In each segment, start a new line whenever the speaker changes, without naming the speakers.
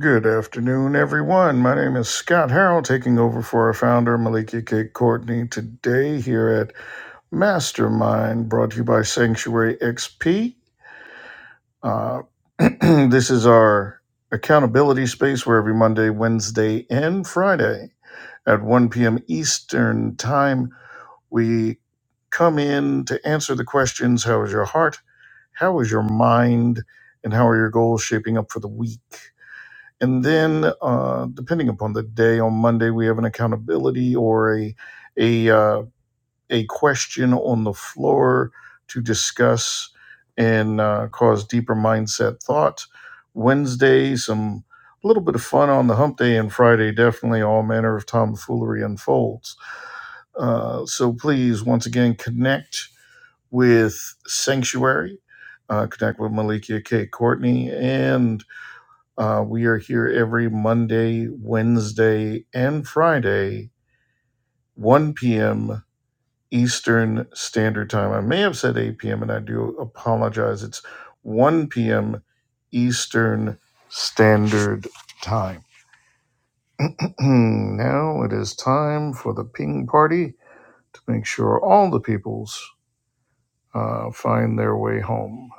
Good afternoon, everyone. My name is Scott Harrell, taking over for our founder, Malikia K. Courtney, today here at Mastermind, brought to you by Sanctuary XP. Uh, this is our accountability space where every Monday, Wednesday, and Friday at 1 p.m. Eastern Time, we come in to answer the questions How is your heart? How is your mind? And how are your goals shaping up for the week? And then, uh, depending upon the day, on Monday we have an accountability or a a uh, a question on the floor to discuss and uh, cause deeper mindset thought. Wednesday, some a little bit of fun on the hump day, and Friday, definitely all manner of tomfoolery unfolds. Uh, so please, once again, connect with Sanctuary, uh, connect with Malikia K. Courtney, and uh, we are here every Monday, Wednesday, and Friday, 1 p.m. Eastern Standard Time. I may have said 8 p.m., and I do apologize. It's 1 p.m. Eastern Standard Time. now it is time for the ping party to make sure all the peoples uh, find their way home.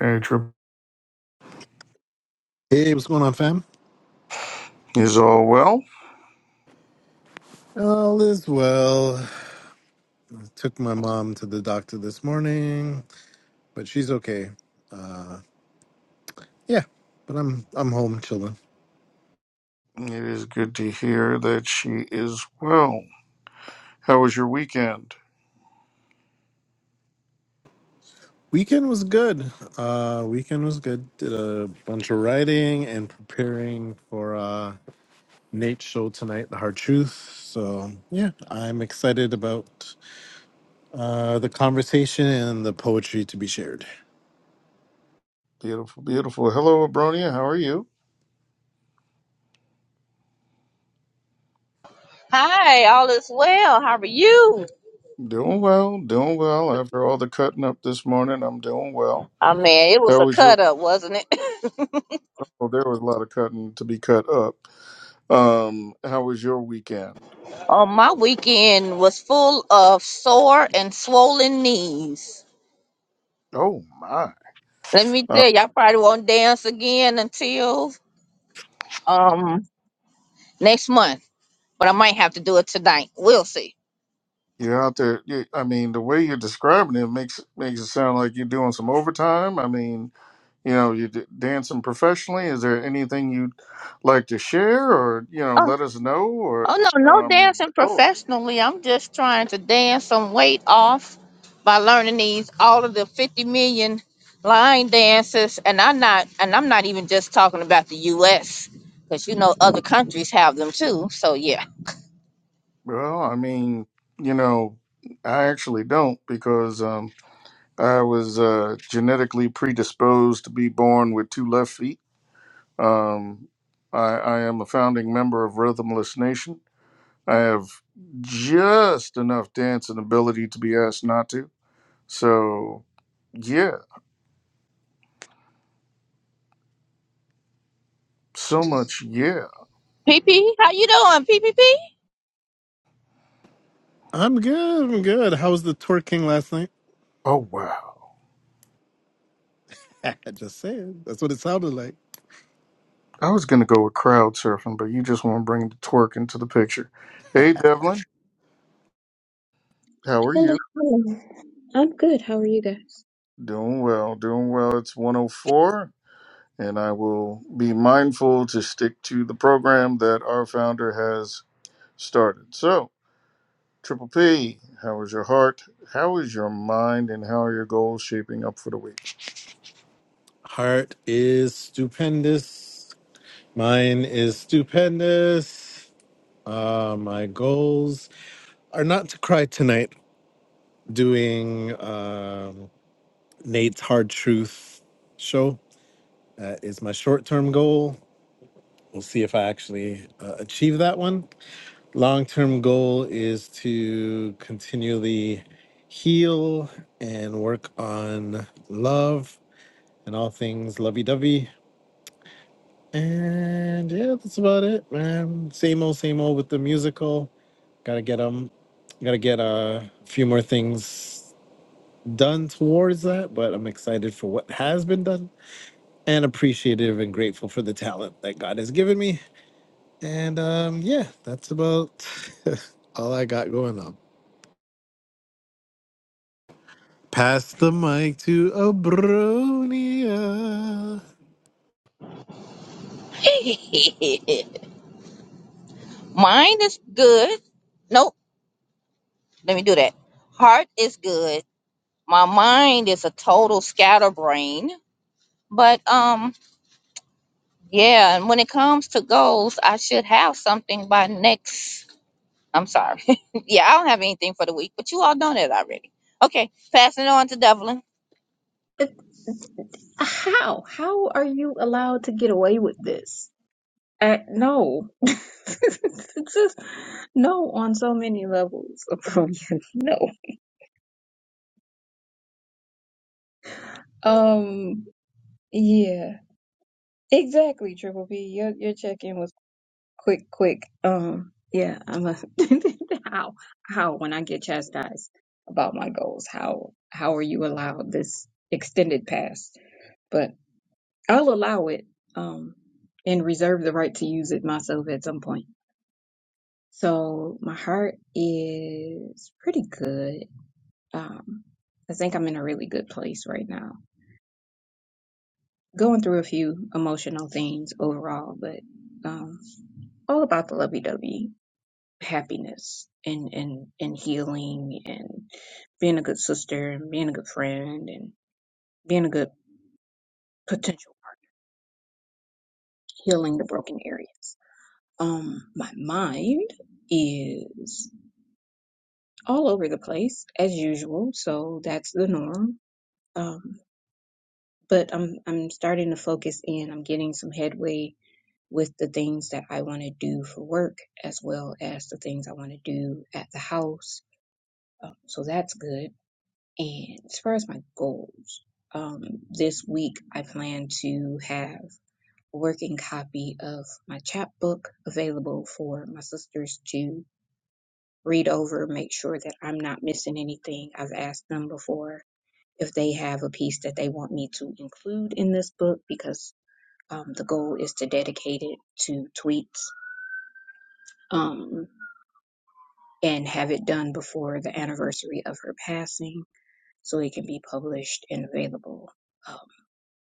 Hey, Trip,
Hey, what's going on, fam?
is all well?
All is well. Took my mom to the doctor this morning, but she's okay. Uh, yeah, but I'm I'm home chilling.
It is good to hear that she is well. How was your weekend?
Weekend was good. Uh, weekend was good. Did a bunch of writing and preparing for uh, Nate's show tonight, The Hard Truth. So yeah, I'm excited about uh, the conversation and the poetry to be shared.
Beautiful, beautiful. Hello, Abronia. How are you?
Hi, all is well. How are you?
Doing well, doing well. After all the cutting up this morning, I'm doing well.
Oh man, it was
How
a
was your?
cut up, wasn't it?
Well, there was a lot of cutting to be cut up. Um, how was your weekend?
oh, my weekend was full of sore and swollen knees.
Oh my!
Let me
Uh,
tell you, I probably won't dance again until um next month, but I might have to do it tonight. We'll see.
you're out there. You, I mean, the way you're describing it makes makes it sound like you're doing some overtime. I mean, you know, you're d- dancing professionally. Is there anything you'd like to share, or you know, let us know, or
Oh no,
you know,
no
I mean,
dancing
go.
professionally. I'm just trying to dance some weight off by learning these all of the 50 million line dances and I'm not and I'm not even just talking about the US cuz you know other countries have them too. So yeah.
Well, I mean, you know, I actually don't because um, I was uh, genetically predisposed to be born with two left feet. Um, I, I am a founding member of Rhythmless Nation. I have just enough dancing ability to be asked not to. So, yeah, so much, yeah.
PP, how you doing? PPP?
I'm good. I'm good. How was the twerking last night?
Oh, wow.
Just saying. That's what it sounded like.
I was going to go with crowd surfing, but you just want to bring the twerk into the picture. Hey, Devlin, how are
Hello,
you?
hello. I'm good. How are you guys?
Doing well, doing well. It's 104, and I will be mindful to stick to the program that our founder has started. So, Triple P, how is your heart? How is your mind? And how are your goals shaping up for the week?
Heart is stupendous. Mine is stupendous. Uh, my goals are not to cry tonight doing um, Nate's Hard Truth show. That is my short term goal. We'll see if I actually uh, achieve that one. Long term goal is to continually heal and work on love and all things lovey dovey. And yeah, that's about it, man. Same old, same old with the musical. Gotta get them. gotta get uh, a few more things done towards that. But I'm excited for what has been done and appreciative and grateful for the talent that God has given me. And um, yeah, that's about all I got going on. Pass the mic to Abronia.
Mind is good. Nope, let me do that. Heart is good. My mind is a total scatterbrain, but um. Yeah, and when it comes to goals, I should have something by next. I'm sorry. yeah, I don't have anything for the week, but you all know that already. Okay, passing it on to Devlin.
It, how? How are you allowed to get away with this? Uh, no. It's just no on so many levels. Abronia. no. Um, yeah. Exactly, Triple B. Your your check-in was quick, quick. Um, yeah, I must how how when I get chastised about my goals, how how are you allowed this extended pass? But I'll allow it um, and reserve the right to use it myself at some point. So my heart is pretty good. Um, I think I'm in a really good place right now. Going through a few emotional things overall, but um, all about the lovey-dovey happiness and, and, and healing and being a good sister and being a good friend and being a good potential partner, healing the broken areas. Um, my mind is all over the place as usual. So that's the norm. Um, but I'm I'm starting to focus in. I'm getting some headway with the things that I want to do for work as well as the things I want to do at the house. Um, so that's good. And as far as my goals, um, this week I plan to have a working copy of my chapbook available for my sisters to read over, make sure that I'm not missing anything. I've asked them before if they have a piece that they want me to include in this book because um, the goal is to dedicate it to tweets um, and have it done before the anniversary of her passing so it can be published and available. Um,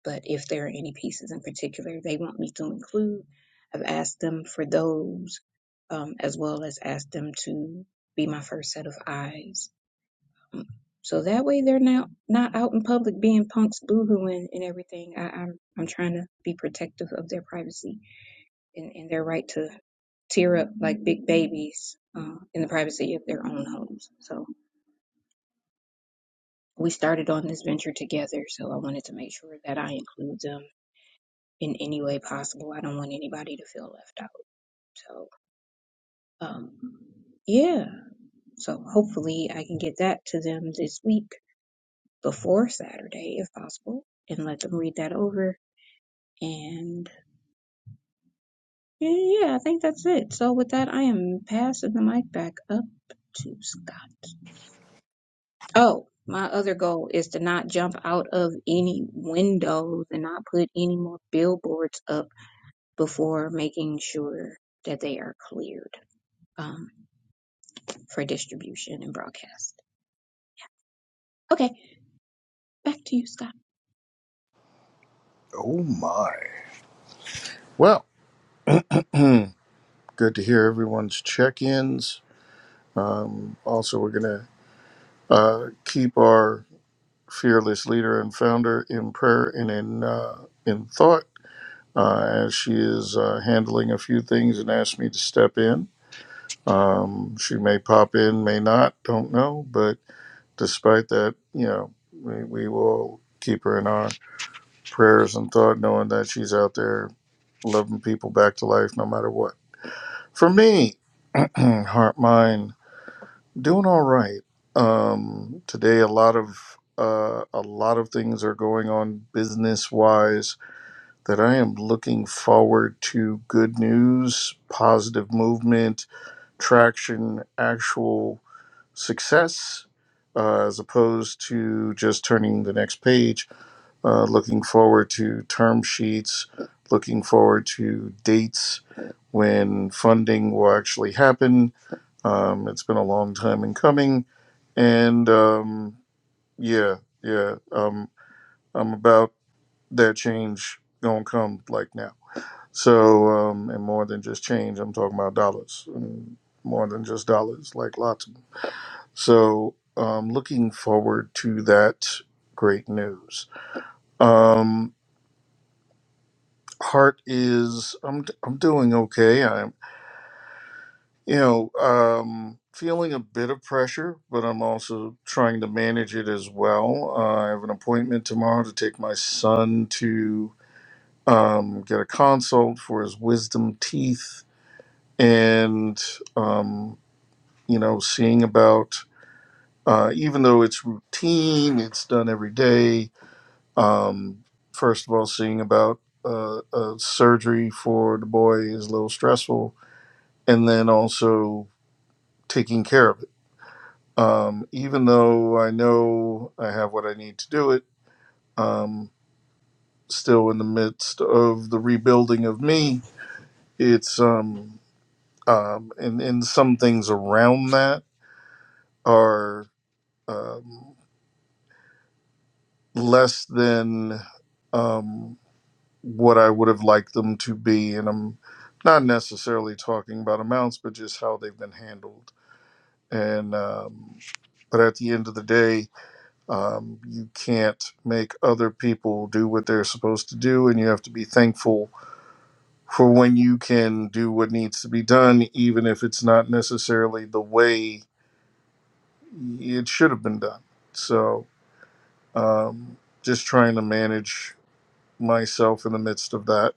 but if there are any pieces in particular they want me to include, I've asked them for those um, as well as asked them to be my first set of eyes So that way they're not not out in public being punks boohooing and everything. I, I'm I'm trying to be protective of their privacy and, and their right to tear up like big babies uh, in the privacy of their own homes. So we started on this venture together. So I wanted to make sure that I include them in any way possible. I don't want anybody to feel left out. So um, yeah. So hopefully I can get that to them this week before Saturday, if possible, and let them read that over And yeah, yeah, I think that's it. So with that, I am passing the mic back up to Scott. Oh, my other goal is to not jump out of any windows and not put any more billboards up before making sure that they are cleared um, for distribution and broadcast. Okay, back to you, Scott.
Oh my. Well, good to hear everyone's check ins. Also, we're going to uh, keep our fearless leader and founder in prayer and in, uh, in thought uh, as she is uh, handling a few things and asked me to step in. Um, she may pop in, may not, don't know. But despite that, you know, we, we will keep her in our prayers and thought, knowing that she's out there loving people back to life no matter what. For me, heart, mind, doing all right. Um, today, a lot of uh, a lot of things are going on business wise that I am looking forward to good news, positive movement, traction, actual success uh, as opposed to just turning the next page, uh, looking forward to term sheets, looking forward to dates when funding will actually happen. Um, it's been a long time in coming. And um, yeah, yeah, um, I'm about that change going to come like now. So, um, and more than just change, I'm talking about dollars, and more than just dollars, like lots of. So um, looking forward to that great news. Um, heart is I'm I'm doing okay. I'm you know um, feeling a bit of pressure, but I'm also trying to manage it as well. Uh, I have an appointment tomorrow to take my son to um, get a consult for his wisdom teeth, and um, you know seeing about. Uh, even though it's routine, it's done every day Um, first of all, seeing about uh, uh, surgery for the boy is a little stressful, and then also taking care of it. Um, even though I know I have what I need to do it, um, still in the midst of the rebuilding of me. It's um, um, and and some things around that are um, less than. Um, what I would have liked them to be. And I'm not necessarily talking about amounts, but just how they've been handled. And, um, but at the end of the day, um, you can't make other people do what they're supposed to do. And you have to be thankful for when you can do what needs to be done, even if it's not necessarily the way it should have been done. So, um, just trying to manage myself in the midst of that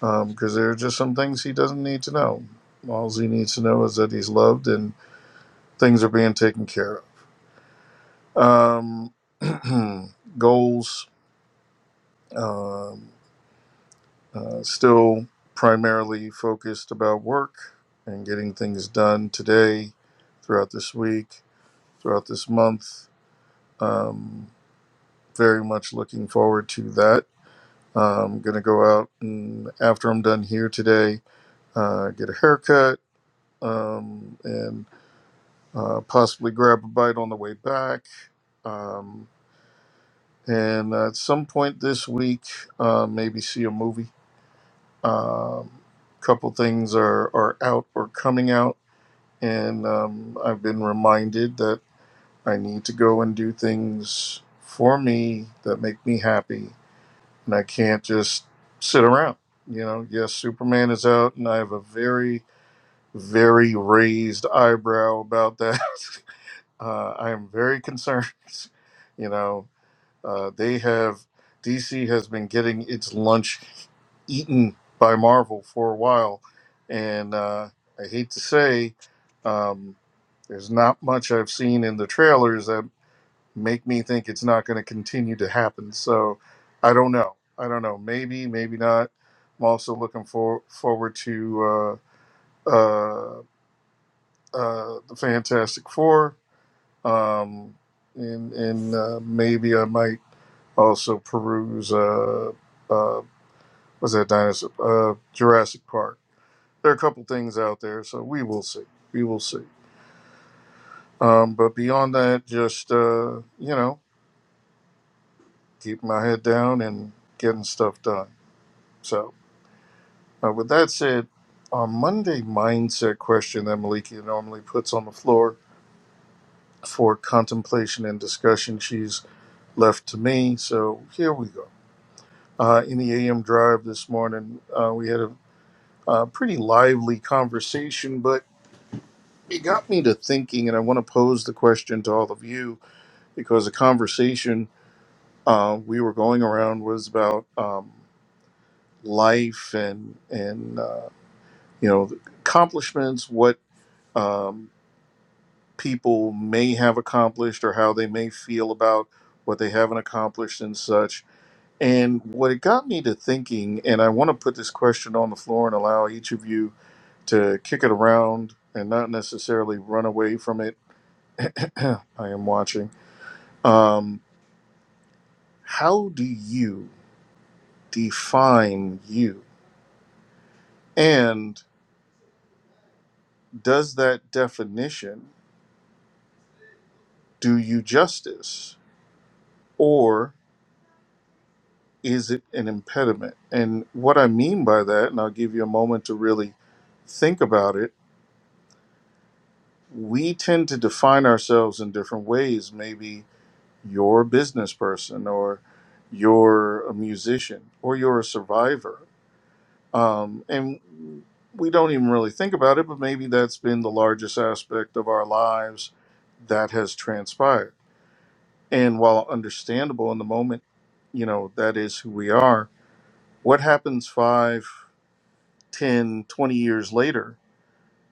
because there are just some things he doesn't need to know. All he needs to know is that he's loved and things are being taken care of. Um, goals um, uh, still primarily focused about work and getting things done today, throughout this week, throughout this month. Um, very much looking forward to that. I'm going to go out and after I'm done here today, uh, get a haircut, um, and uh, possibly grab a bite on the way back. Um, and uh, at some point this week, uh, maybe see a movie. Um, couple things are, are out or coming out, and um, I've been reminded that I need to go and do things for me that make me happy, and I can't just sit around. You know, yes, Superman is out, and I have a very, very raised eyebrow about that. Uh, I am very concerned you know Uh, they have DC has been getting its lunch eaten by Marvel for a while, and uh, I hate to say, um, there's not much I've seen in the trailers that make me think it's not going to continue to happen. So I don't know. I don't know. Maybe, maybe not. I'm also looking for forward to uh, uh, uh, the Fantastic Four, um, and and uh, maybe I might also peruse uh uh was that dinosaur uh Jurassic Park. There are a couple things out there, so we will see. We will see. Um, but beyond that, just uh, you know, keep my head down and getting stuff done. So uh, with that said, our Monday mindset question that Maliki normally puts on the floor for contemplation and discussion, she's left to me. So here we go. Uh, in the AM drive this morning, uh, we had a uh, pretty lively conversation, but it got me to thinking, and I want to pose the question to all of you because the conversation uh, we were going around was about um, life and and uh, you know accomplishments, what um, people may have accomplished, or how they may feel about what they haven't accomplished and such. And what it got me to thinking, and I want to put this question on the floor and allow each of you to kick it around and not necessarily run away from it. I am watching. Um, how do you define you? And does that definition do you justice or is it an impediment? And what I mean by that, and I'll give you a moment to really think about it, we tend to define ourselves in different ways. Maybe you're a business person or you're a musician or you're a survivor Um, and we don't even really think about it, but maybe that's been the largest aspect of our lives that has transpired. And while understandable in the moment, you know, that is who we are, what happens five, ten, twenty years later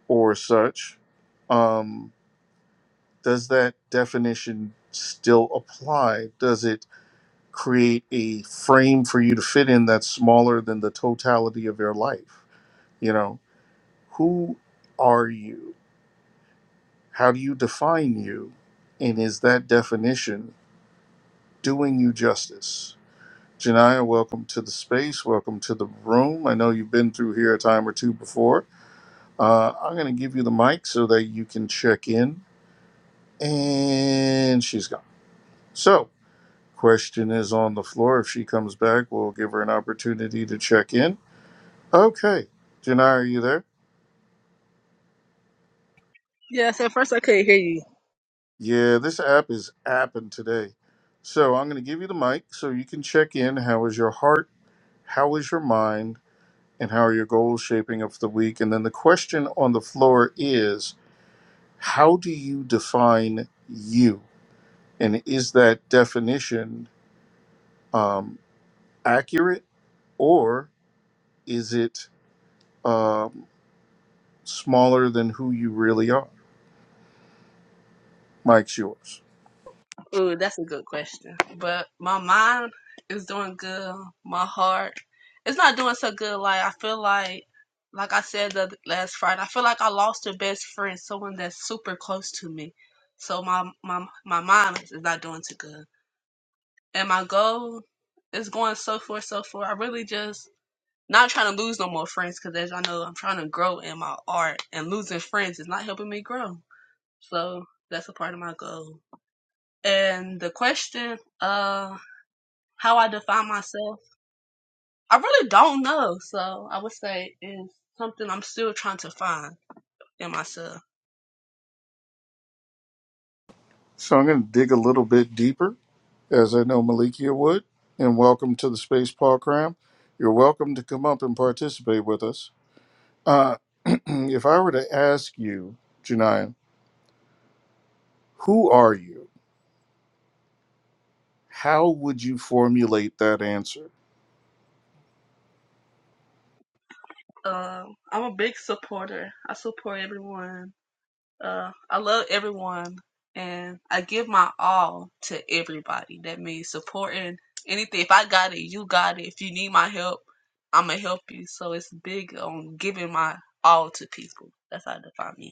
or such? Um, does that definition still apply? Does it create a frame for you to fit in that's smaller than the totality of your life? You know, who are you? How do you define you? And is that definition doing you justice? Janiyah, welcome to the space. Welcome to the room. I know you've been through here a time or two before. Uh, I'm going to give you the mic so that you can check in. And she's gone. So, question is on the floor. If she comes back, we'll give her an opportunity to check in. Okay. Janiyah, are you there?
Yes, at first I couldn't hear you.
Yeah, this app is apping today. So, I'm going to give you the mic so you can check in. How is your heart? How is your mind and how are your goals shaping up for the week? And then the question on the floor is how do you define you? And is that definition um, accurate or is it um, smaller than who you really are? Mike's yours.
Ooh, that's a good question. But my mind is doing good. My heart, it's not doing so good. Like I feel like, like I said the th- last Friday, I feel like I lost a best friend, someone that's super close to me. So my my my mind is not doing too good, and my goal is going so far, so far. I really just not trying to lose no more friends because as I know, I'm trying to grow in my art, and losing friends is not helping me grow. So that's a part of my goal. And the question, uh, how I define myself, I really don't know. So I would say it's something I'm still trying to find in myself.
So I'm going to dig a little bit deeper, as I know Malikia would. And welcome to the space, Paul Cram. You're welcome to come up and participate with us. Uh, if I were to ask you, Janine. Who are you? How would you formulate that answer?
Um, I'm a big supporter. I support everyone. Uh, I love everyone, and I give my all to everybody. That means supporting anything. If I got it, you got it. If you need my help, I'ma help you. So it's big on giving my all to people. That's how I define me.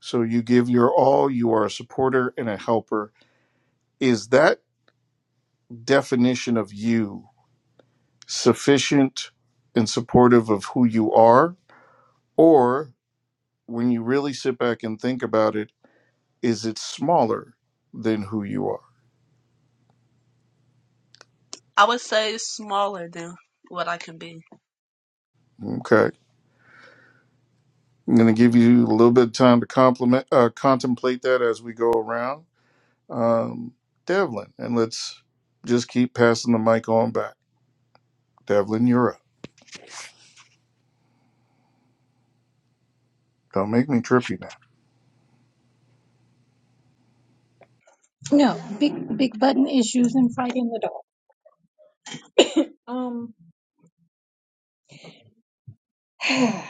So you give your all, you are a supporter and a helper. Is that definition of you sufficient and supportive of who you are? Or when you really sit back and think about it, is it smaller than who you
I would say smaller than what I can be.
are? Okay. I'm going to give you a little bit of time to compliment, uh, contemplate that as we go around. Um, Devlin, and let's just keep passing the mic on back. Devlin, you're up. Don't make me trip you now.
No, big big button issues and fighting the dog. Um,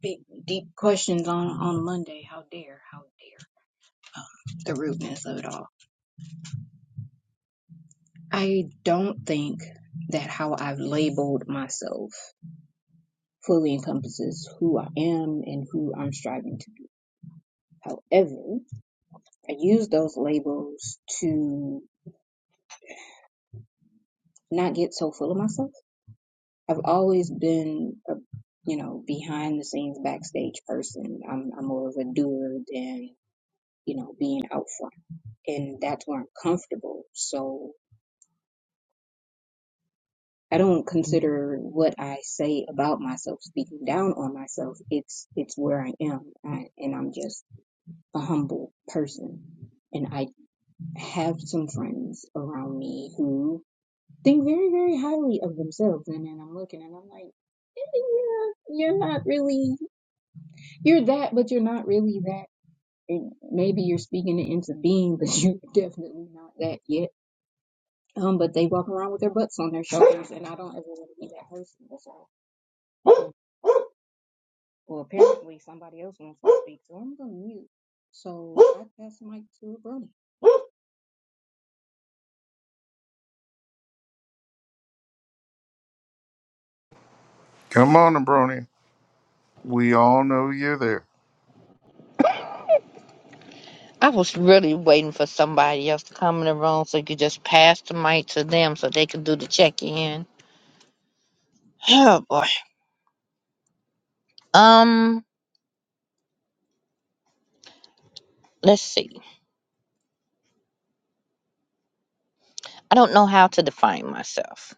big deep questions on on Monday. How dare? How dare? um, the rudeness of it all. I don't think that how I've labeled myself fully encompasses who I am and who I'm striving to be. However, I use those labels to not get so full of myself. I've always been a you know behind the scenes backstage person. I'm I'm more of a doer than you know being out front, and that's where I'm comfortable. So I don't consider what I say about myself speaking down on myself. It's it's where I am, I, and I'm just a humble person. And I have some friends around me who think very very highly of themselves, and then I'm looking and I'm like, "Eh, yeah, you're not really you're that, but you're not really that. And maybe you're speaking it into being, but you're definitely not that yet. Um, but they walk around with their butts on their shoulders, and I don't ever want to be that person. So. Well, apparently somebody else wants to speak, so I'm going to mute. So I pass the mic to Brony. I
Come on, Abroni. We all know you're there.
I was really waiting for somebody else to come in the room so you could just pass the mic to them so they could do the check in. Oh boy. Um, let's see. I don't know how to define myself.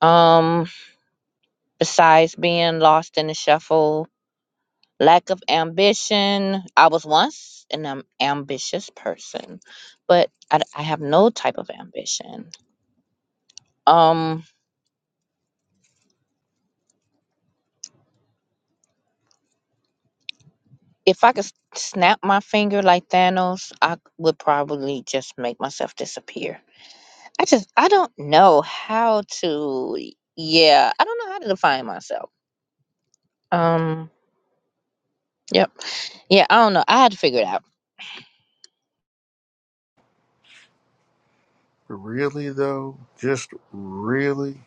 Um, besides being lost in the shuffle lack of ambition. I was once an am- ambitious person, but I, d- I have no type of ambition. Um, if I could s- snap my finger like Thanos, I c- would probably just make myself disappear. I just I don't know how to. Yeah, I don't know how to define myself. Um, yep. Yeah, I don't know. I had to figure it out.
Really though, just really.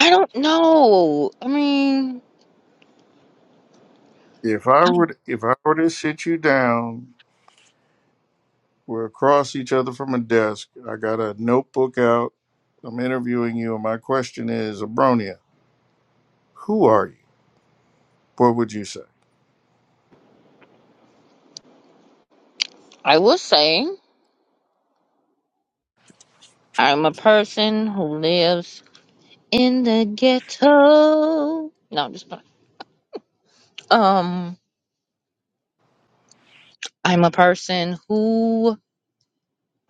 I don't know. I mean,
If I would, if I were to sit you down, we're across each other from a desk. I got a notebook out. I'm interviewing you, and my question is, Abronia, who are you? What would you say?
I will say I'm a person who lives in the ghetto. No, I'm just playing. um, I'm a person who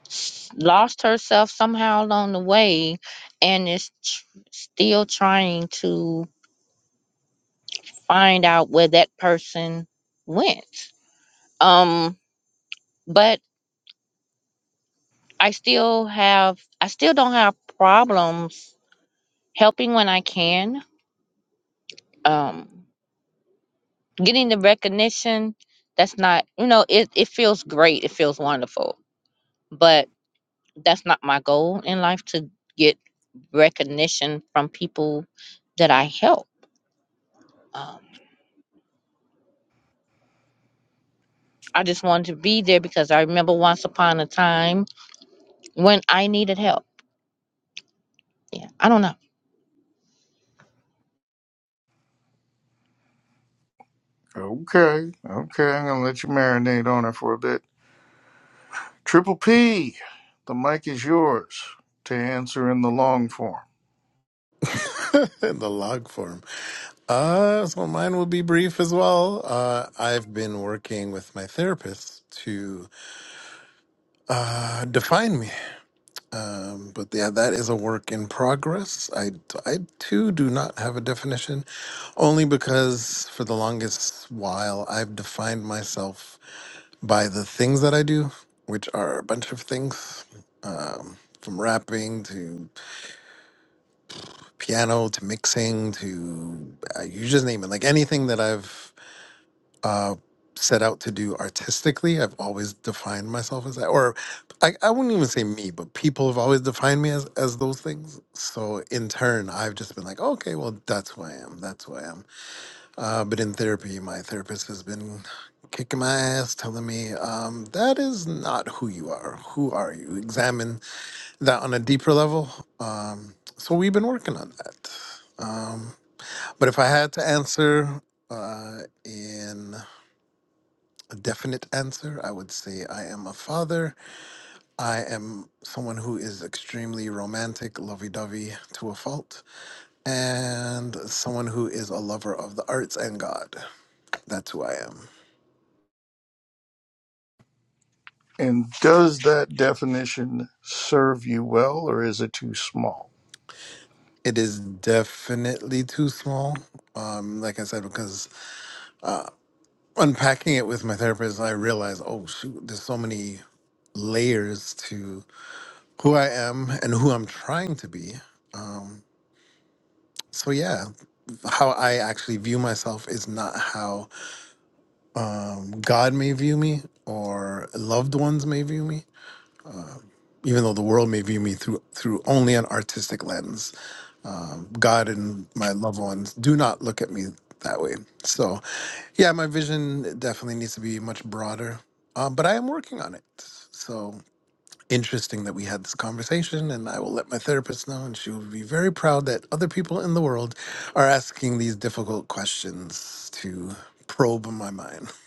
s- lost herself somehow along the way, and is tr- still trying to find out where that person went. Um, but I still have, I still don't have problems helping when I can. Um, getting the recognition that's not, you know, it it feels great. It feels wonderful, but that's not my goal in life to get recognition from people that I help. Um, I just wanted to be there because I remember once upon a time when I needed help. Yeah, I don't know.
Okay, okay, I'm gonna let you marinate on it for a bit. Triple P, the mic is yours to answer in the long form.
in the log form. Uh, so mine will be brief as well. Uh, I've been working with my therapist to uh, define me, um, but yeah, that is a work in progress. I, I too do not have a definition, only because for the longest while I've defined myself by the things that I do, which are a bunch of things, um, from rapping to piano to mixing to uh, you just name it like anything that i've uh, set out to do artistically i've always defined myself as that or I, I wouldn't even say me but people have always defined me as, as those things so in turn i've just been like okay well that's who i am that's who i am uh, but in therapy my therapist has been kicking my ass telling me um, that is not who you are who are you examine that on a deeper level um, so we've been working on that Um, but if I had to answer uh, in a definite answer, I would say I am a father. I am someone who is extremely romantic, lovey dovey to a fault, and someone who is a lover of the arts and God. That's who I am.
And does that definition serve you well or is it too small?
It is definitely too small. Um, like I said, because unpacking it with my therapist, I realized, oh shoot, there's so many layers to who I am and who I'm trying to be. so yeah how i actually view myself is not how god may view me or loved ones may view me even though the world may view me through through only an artistic lens um, god and my loved ones do not look at me that way so yeah my vision definitely needs to be much broader um, but i am working on it so interesting that we had this conversation and I will let my therapist know and she will be very proud that other people in the world are asking these difficult questions to probe my mind.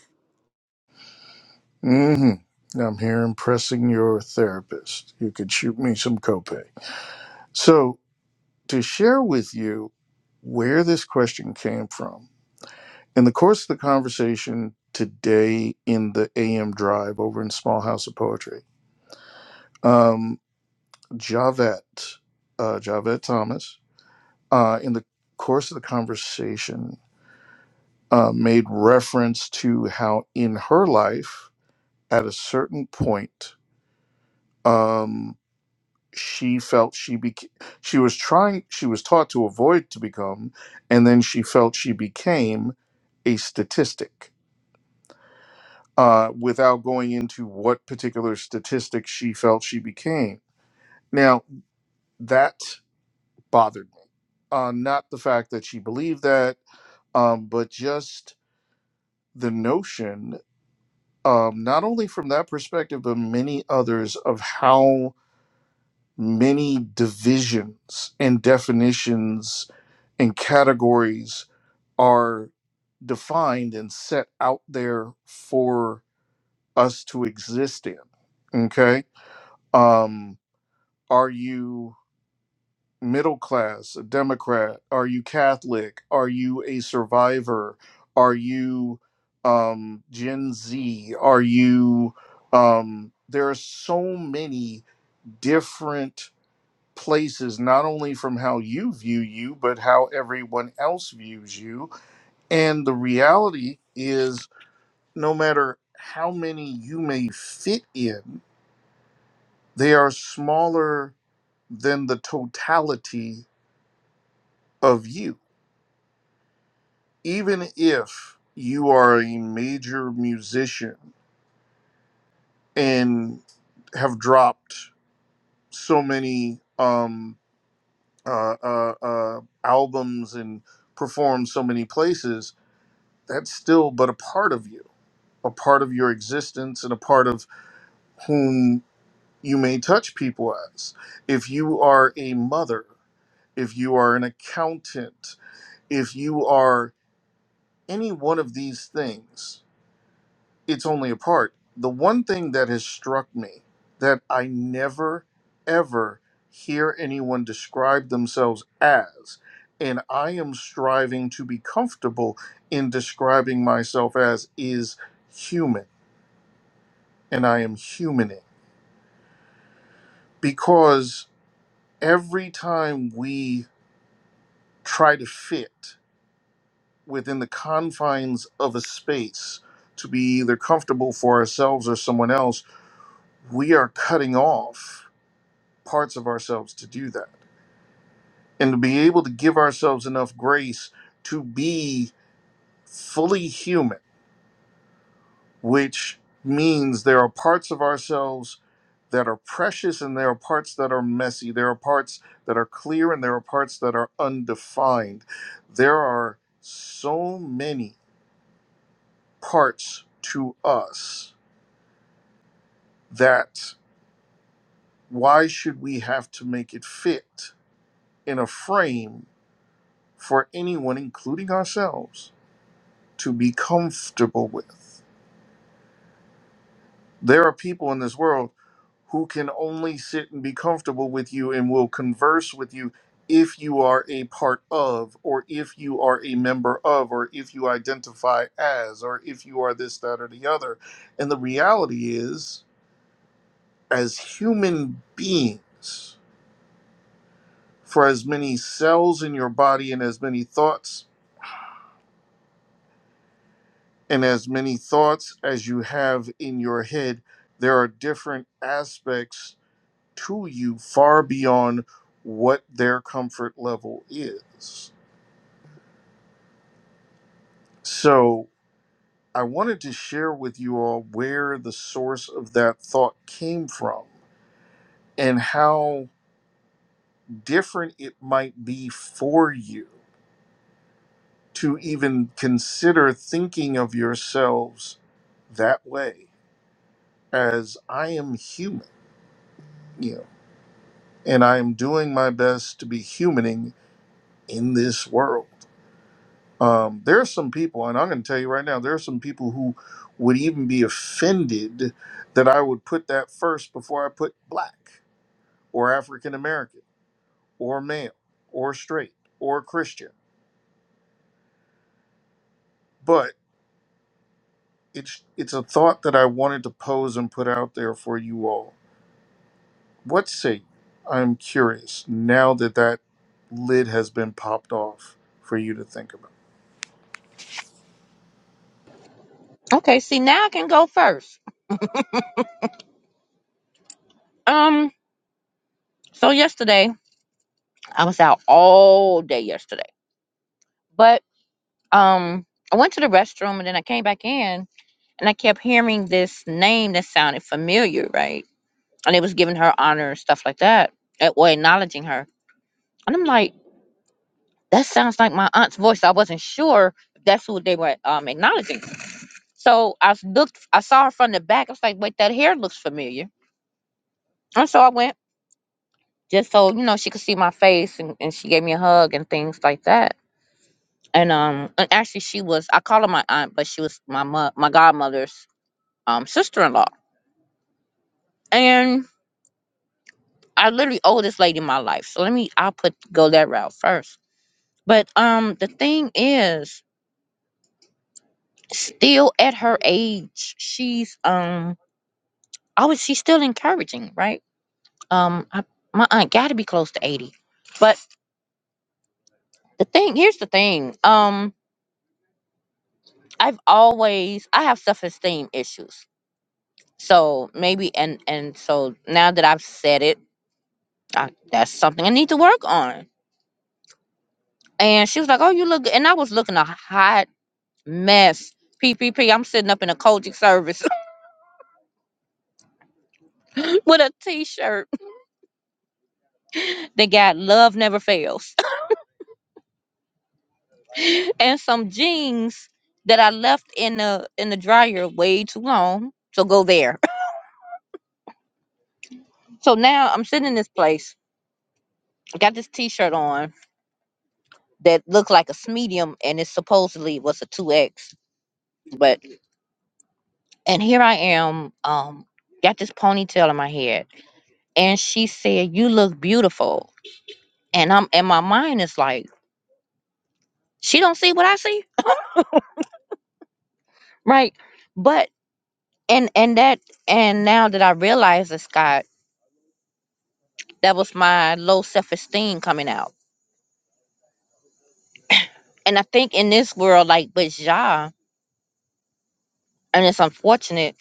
hmm I'm here impressing your therapist. You could shoot me some copay. So, to share with you where this question came from, in the course of the conversation today in the AM Drive over in Small House of Poetry, um, Javette, uh, Javette Thomas, uh, in the course of the conversation uh, made reference to how in her life at a certain point um, she felt she became she was trying she was taught to avoid to become and then she felt she became a statistic uh, without going into what particular statistic she felt she became now that bothered me uh, not the fact that she believed that um, but just the notion um, not only from that perspective, but many others of how many divisions and definitions and categories are defined and set out there for us to exist in. Okay. Um, are you middle class, a Democrat? Are you Catholic? Are you a survivor? Are you um, Gen Z? Are you? Um, there are so many different places, not only from how you view you, but how everyone else views you. And the reality is, no matter how many you may fit in, they are smaller than the totality of you even if you are a major musician and have dropped so many um, uh, uh, uh, albums and performed so many places, that's still but a part of you, a part of your existence, and a part of whom you may touch people as. If you are a mother, if you are an accountant, if you are any one of these things, it's only a part. The one thing that has struck me that I never ever hear anyone describe themselves as, and I am striving to be comfortable in describing myself as, is human. And I am humaning because every time we try to fit within the confines of a space to be either comfortable for ourselves or someone else, we are cutting off parts of ourselves to do that and to be able to give ourselves enough grace to be fully human, which means there are parts of ourselves that are precious and there are parts that are messy. There are parts that are clear and there are parts that are undefined. There are so many parts to us that why should we have to make it fit in a frame for anyone, including ourselves? to be comfortable with. There are people in this world who can only sit and be comfortable with you and will converse with you if you are a part of, or if you are a member of, or if you identify as, or if you are this, that, or the other. And the reality is, as human beings, for as many cells in your body and as many thoughts, and as many thoughts as you have in your head, there are different aspects to you far beyond what their comfort level is. So I wanted to share with you all where the source of that thought came from and how different it might be for you to even consider thinking of yourselves that way as I am human, you know, and I am doing my best to be humaning in this world. Um, there are some people, and I'm going to tell you right now, there are some people who would even be offended that I would put that first before I put black or African American or male or straight or Christian. But it's it's a thought that I wanted to pose and put out there for you all. What say? you? I'm curious now that that lid has been popped off for you to think about.
Okay, see now I can go first. Um, so yesterday I was out all day yesterday, but um, I went to the restroom and then I came back in and I kept hearing this name that sounded familiar, right? And it was giving her honor and stuff like that, eh, or acknowledging her. And I'm like, that sounds like my aunt's voice. I wasn't sure if that's who they were um acknowledging. So I s- looked, I saw her from the back. I was like, wait, that hair looks familiar. And so I went just so you know she could see my face, and, and she gave me a hug and things like that. And um, and actually she was I call her my aunt, but she was my mo- my godmother's um sister in law. And I literally owe this lady my life. So let me I'll put go that route first. But um, the thing is, still at her age, she's um Oh, and she's still encouraging, right? Um, I, my aunt got to be close to eighty. But the thing here's the thing. Um, I've always I have self esteem issues. So maybe and and so now that I've said it, I, that's something I need to work on. And she was like, "Oh, you look," good." and I was looking a hot mess. P p am sitting up in a Kojic service with a T-shirt that got "Love Never Fails." and some jeans that I left in the in the dryer way too long. So go there. So now I'm sitting in this place. I got this t-shirt on that looked like a medium and it supposedly was a 2X. But and here I am, um, got this ponytail in my head. And she said, You look beautiful. And I'm and my mind is like, she don't see what I see. Right. But and and that and now that I realize this, Scott, that was my low self esteem coming out And I think in this world, like with Jah, and it's unfortunate,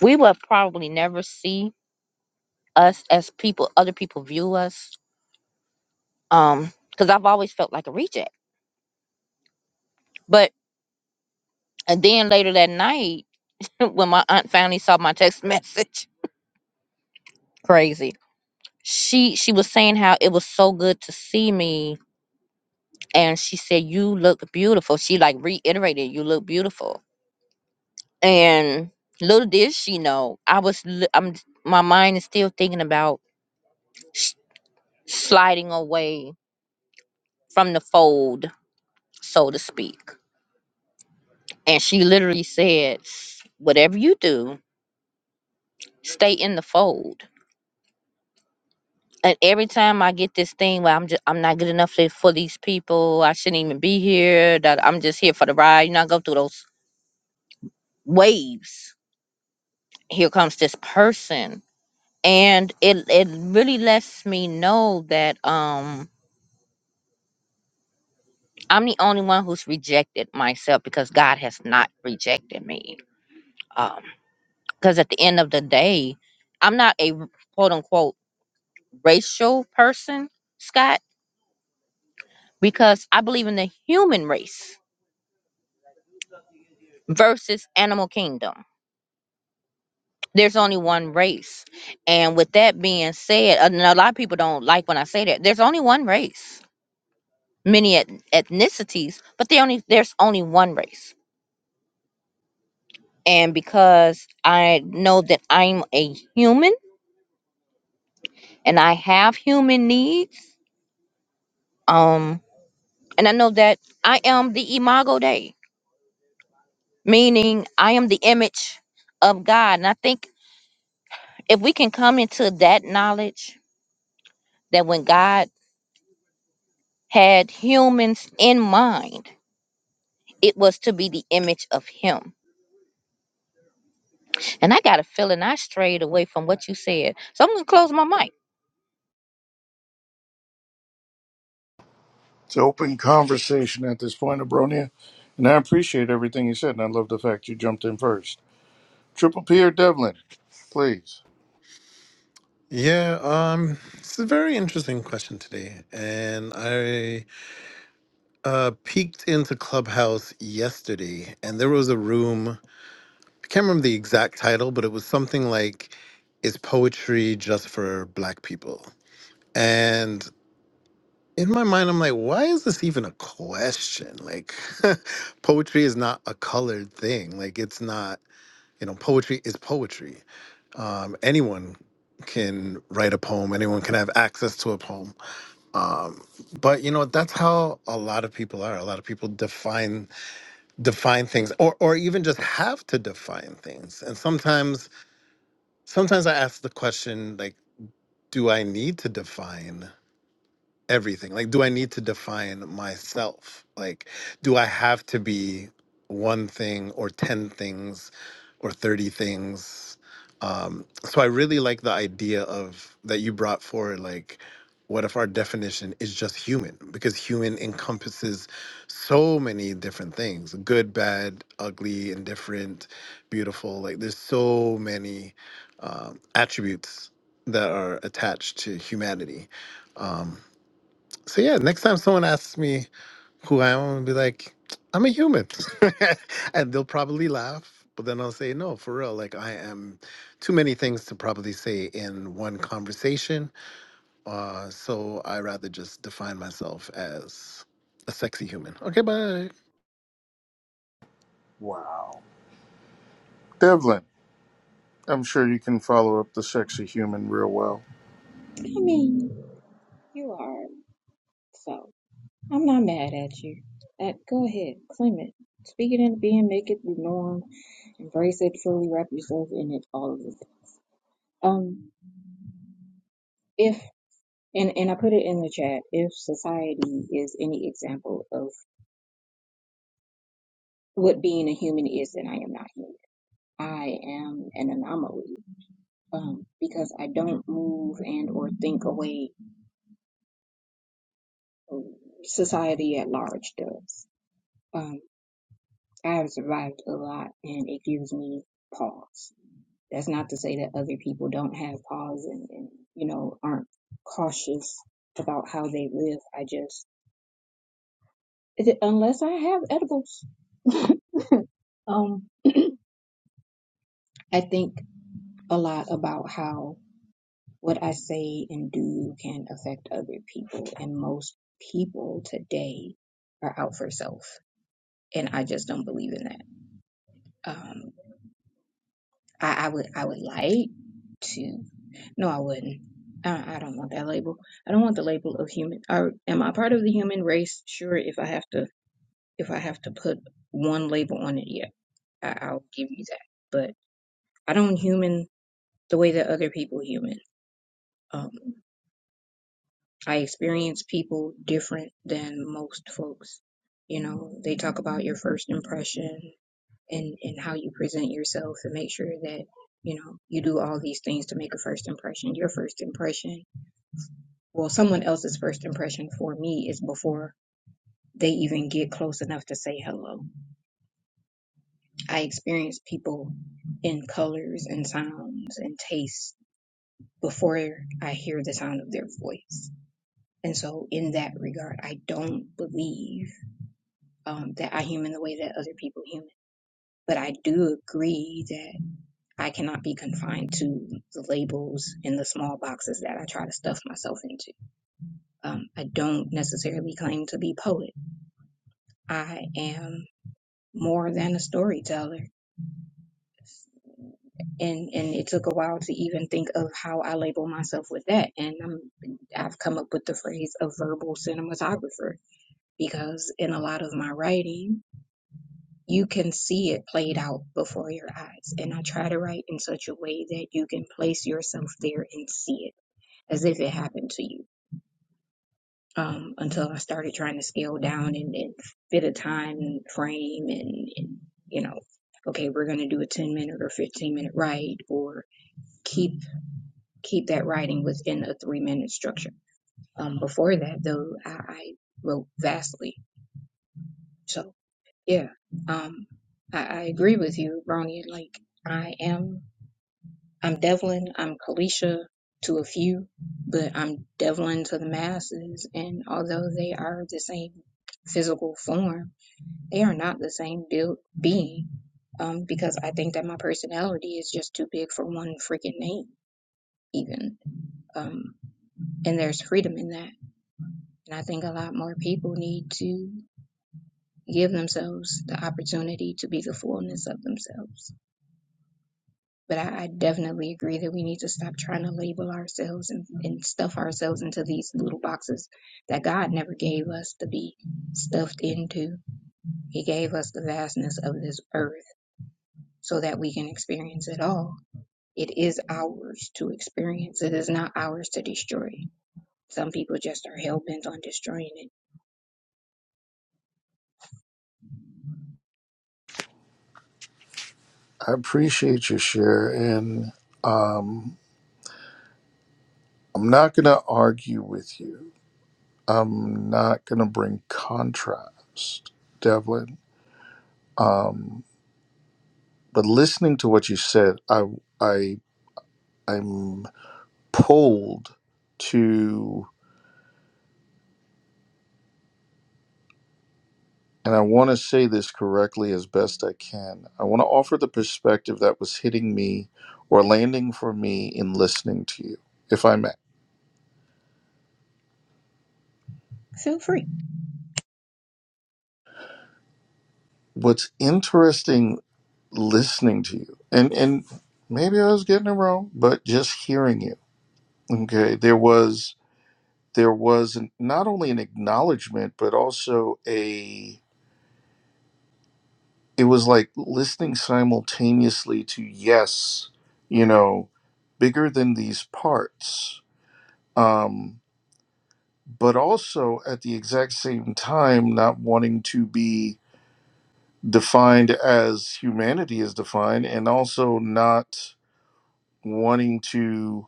we will probably never see us as people, other people view us. Um, because I've always felt like a reject. But and then later that night, when my aunt finally saw my text message, crazy. She she was saying how it was so good to see me and she said, You look beautiful. She like reiterated, you look beautiful. And little did she know, I was li- I'm my mind is still thinking about sliding away from the fold, so to speak. And she literally said, "Whatever you do, stay in the fold." And every time I get this thing where I'm just I'm not good enough for for these people, I shouldn't even be here. That I'm just here for the ride. You know, I go through those waves. Here comes this person, and it it really lets me know that um I'm the only one who's rejected myself because God has not rejected me. Um. because at the end of the day, I'm not a quote unquote racial person, Scott, because I believe in the human race versus animal kingdom. There's only one race. And with that being said, and a lot of people don't like when I say that, there's only one race, many et- ethnicities, but they only there's only one race. And because I know that I'm a human and I have human needs, um, and I know that I am the imago Dei meaning I am the image of God. And I think if we can come into that knowledge that when God had humans in mind, it was to be the image of Him. And I got a feeling I strayed away from what you said. So I'm going to close my mic.
It's open conversation at this point, Abronia. And I appreciate everything you said, and I love the fact you jumped in first. Triple P or Devlin, please.
Yeah, um it's a very interesting question today and I uh peeked into Clubhouse yesterday and there was a room I can't remember the exact title but it was something like is poetry just for black people? And in my mind, I'm like, why is this even a question? Like, poetry is not a colored thing. Like, it's not, you know, poetry is poetry. Um, anyone can write a poem, anyone can have access to a poem. Um, but you know, that's how a lot of people are. A lot of people define define things or or even just have to define things. And sometimes sometimes I ask the question like, do I need to define? everything like do i need to define myself like do i have to be one thing or 10 things or 30 things um so i really like the idea of that you brought forward like what if our definition is just human because human encompasses so many different things good bad ugly indifferent beautiful like there's so many um, attributes that are attached to humanity Um, so yeah, next time someone asks me who I am, I'm gonna be like, I'm a human, and they'll probably laugh. But then I'll say, no, for real, like I am too many things to probably say in one conversation. Uh, so I rather just define myself as a sexy human. Okay, bye.
Wow. Devlin, I'm sure you can follow up the sexy human real well.
mean, you are. So I'm not mad at you. That, go ahead, claim it. Speak it into being, make it the norm, embrace it, fully wrap yourself in it, all of it. Um, if and and I put it in the chat. If society is any example of what being a human is, then I am not human. I am an anomaly um, because I don't move and or think away Society at large does. Um, I have survived a lot and it gives me pause. That's not to say that other people don't have pause and, and you know, aren't cautious about how they live. I just, is it- unless I have edibles, um, I think a lot about how what I say and do can affect other people. And most people today are out for self. And I just don't believe in that. Um, I, I would I would like to. No, I wouldn't. I, I don't want that label. I don't want the label of human. Or am I part of the human race? Sure, if I have to if I have to put one label on it, yeah, I, I'll give you that. But I don't human the way that other people human. Um, I experience people different than most folks. You know, they talk about your first impression. and and how you present yourself and make sure that you know you do all these things to make a first impression your first impression well someone else's first impression for me is before they even get close enough to say hello i experience people in colors and sounds and tastes before i hear the sound of their voice and so in that regard i don't believe um, that i human the way that other people human but i do agree that. I cannot be confined to the labels and the small boxes that I try to stuff myself into. Um, I don't necessarily claim to be poet. I am more than a storyteller, and and it took a while to even think of how I label myself with that. And I'm, I've come up with the phrase a verbal cinematographer because in a lot of my writing, you can see it played out before your eyes. And I try to write in such a way that you can place yourself there and see it as if it happened to you um, until I started trying to scale down and, and fit a time frame and, and, you know, okay, we're going to do a 10 minute or 15 minute write or keep, keep that writing within a three minute structure. Um, before that though, I, I wrote vastly. So yeah, um, I, I agree with you, Ronnie. Like I am I'm Devlin, I'm Kalisha to a few, but I'm Devlin to the masses. And although they are the same physical form, they are not the same built being. Um, because I think that my personality is just too big for one freaking name, even. Um, and there's freedom in that. And I think a lot more people need to give themselves the opportunity to be the fullness of themselves. But I, I definitely agree that we need to stop trying to label ourselves and, and stuff ourselves into these little boxes that God never gave us to be stuffed into. He gave us the vastness of this earth so that we can experience it all. It is ours to experience, it is not ours to destroy. Some people just are hell bent on destroying it.
I appreciate your share, and um, I'm not going to argue with you. I'm not going to bring contrast, Devlin. But listening to what you said, I, I, I'm pulled to and I want to say this correctly as best I can. I want to offer the perspective that was hitting me or landing for me in listening to you, if I may.
Feel free.
What's interesting listening to you, and, and maybe I was getting it wrong, but just hearing you, okay, there was there was an, not only an acknowledgement but also a it was like listening simultaneously to yes you know bigger than these parts Um, but also at the exact same time not wanting to be defined as humanity is defined and also not wanting to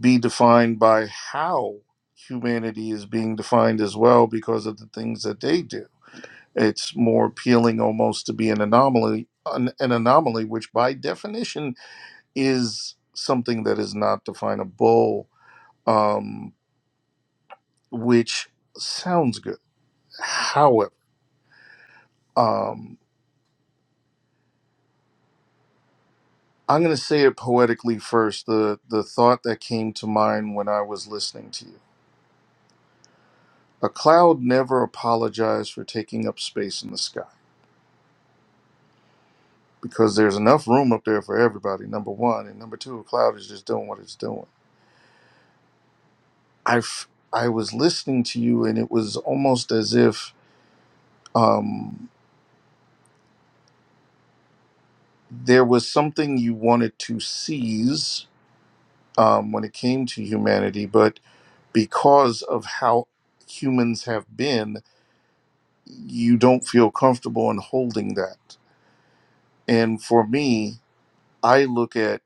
be defined by how humanity is being defined as well because of the things that they do it's more appealing almost to be an anomaly an, an anomaly which by definition is something that is not definable um, which sounds good however um, I'm going to say it poetically first. The the thought that came to mind when I was listening to you. A cloud never apologized for taking up space in the sky because there's enough room up there for everybody. Number 1, and number 2, a cloud is just doing what it's doing. I f- I was listening to you and it was almost as if um there was something you wanted to seize um, when it came to humanity, but because of how humans have been, you don't feel comfortable in holding that. And for me, I look at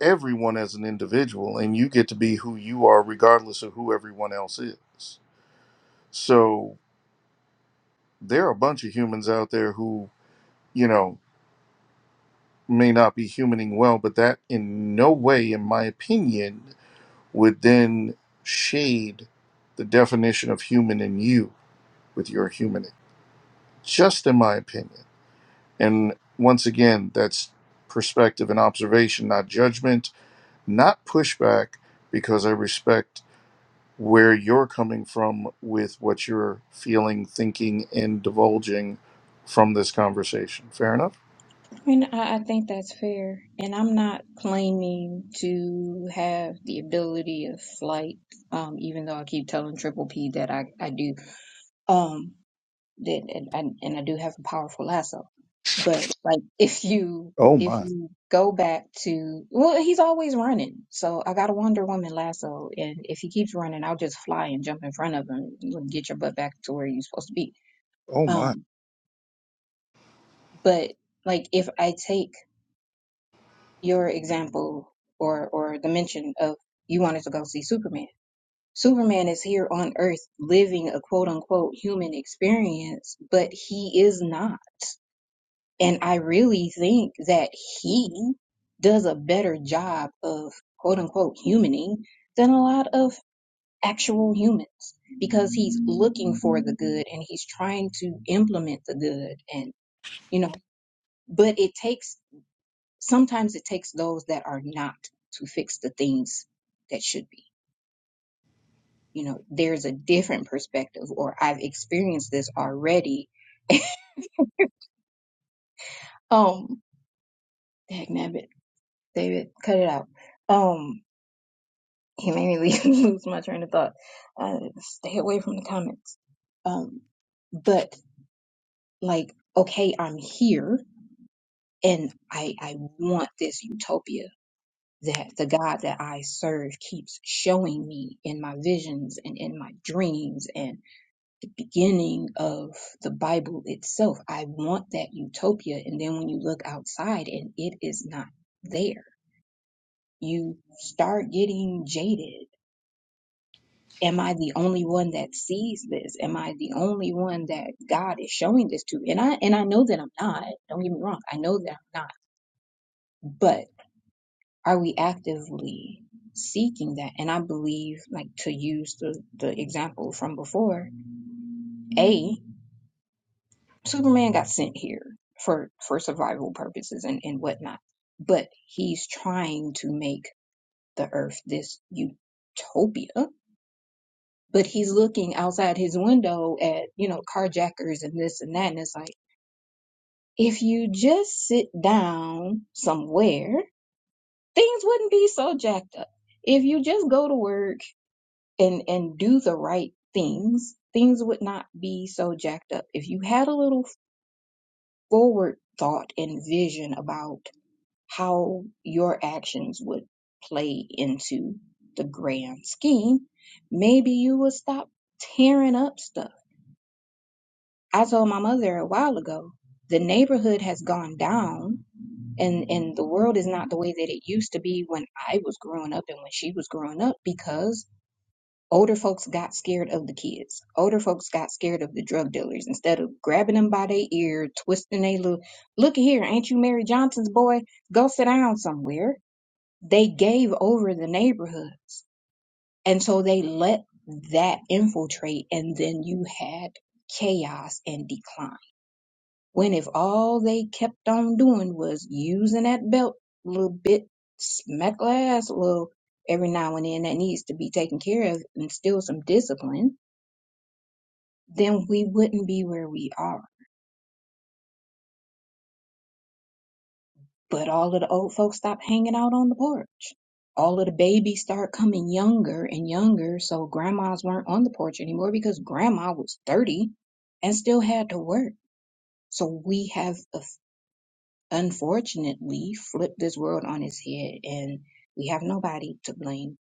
everyone as an individual, and you get to be who you are, regardless of who everyone else is. So there are a bunch of humans out there who, you know, may not be humaning well, but that in no way, in my opinion, would then shade the definition of human in you with your humaning, just in my opinion. And once again, that's perspective and observation, not judgment, not pushback, because I respect where you're coming from with what you're feeling, thinking, and divulging from this conversation. Fair enough?
I mean, I, I think that's fair. And I'm not claiming to have the ability of flight, um, even though I keep telling Triple P that I, I do, um, that, and, and and I do have a powerful lasso. But like, if you,
Oh
if
my.
you go back to, well, he's always running. So I got a Wonder Woman lasso. And if he keeps running, I'll just fly and jump in front of him and get your butt back to where you're supposed to be.
Oh my.
Um, but like, if I take your example or or the mention of you wanted to go see Superman. Superman is here on Earth living a quote unquote human experience, but he is not. And I really think that he does a better job of quote unquote humaning than a lot of actual humans because he's looking for the good and he's trying to implement the good and you know but it takes sometimes it takes those that are not to fix the things that should be. You know, there's a different perspective, or I've experienced this already. Um, dang nabbit, David, cut it out. Um, he made me leave- lose my train of thought. Uh, stay away from the comments. Um, but like, okay, I'm here, and I I want this utopia that the God that I serve keeps showing me in my visions and in my dreams and beginning of the Bible itself. I want that utopia. And then when you look outside and it is not there, you start getting jaded. Am I the only one that sees this? Am I the only one that God is showing this to? And I and I know that I'm not. Don't get me wrong. I know that I'm not. But are we actively seeking that? And I believe, like to use the, the example from before, a Superman got sent here for for survival purposes and and whatnot, but he's trying to make the Earth this utopia. But he's looking outside his window at you know carjackers and this and that, and it's like if you just sit down somewhere, things wouldn't be so jacked up. If you just go to work and and do the right things, things would not be so jacked up. If you had a little forward thought and vision about how your actions would play into the grand scheme, maybe you will stop tearing up stuff. I told my mother a while ago, the neighborhood has gone down and, and the world is not the way that it used to be when I was growing up and when she was growing up because older folks got scared of the kids. Older folks got scared of the drug dealers instead of grabbing them by their ear, twisting their little, look here, ain't you Mary Johnson's boy? Go sit down somewhere they gave over the neighborhoods. And so they let that infiltrate, and then you had chaos and decline. When if all they kept on doing was using that belt a little bit, smack her ass a little every now and then, that needs to be taken care of, and still some discipline, then we wouldn't be where we are But all of the old folks stop hanging out on the porch. All of the babies start coming younger and younger, so grandmas weren't on the porch anymore because grandma was 30 and still had to work. So we have uh, unfortunately flipped this world on its head and we have nobody to blame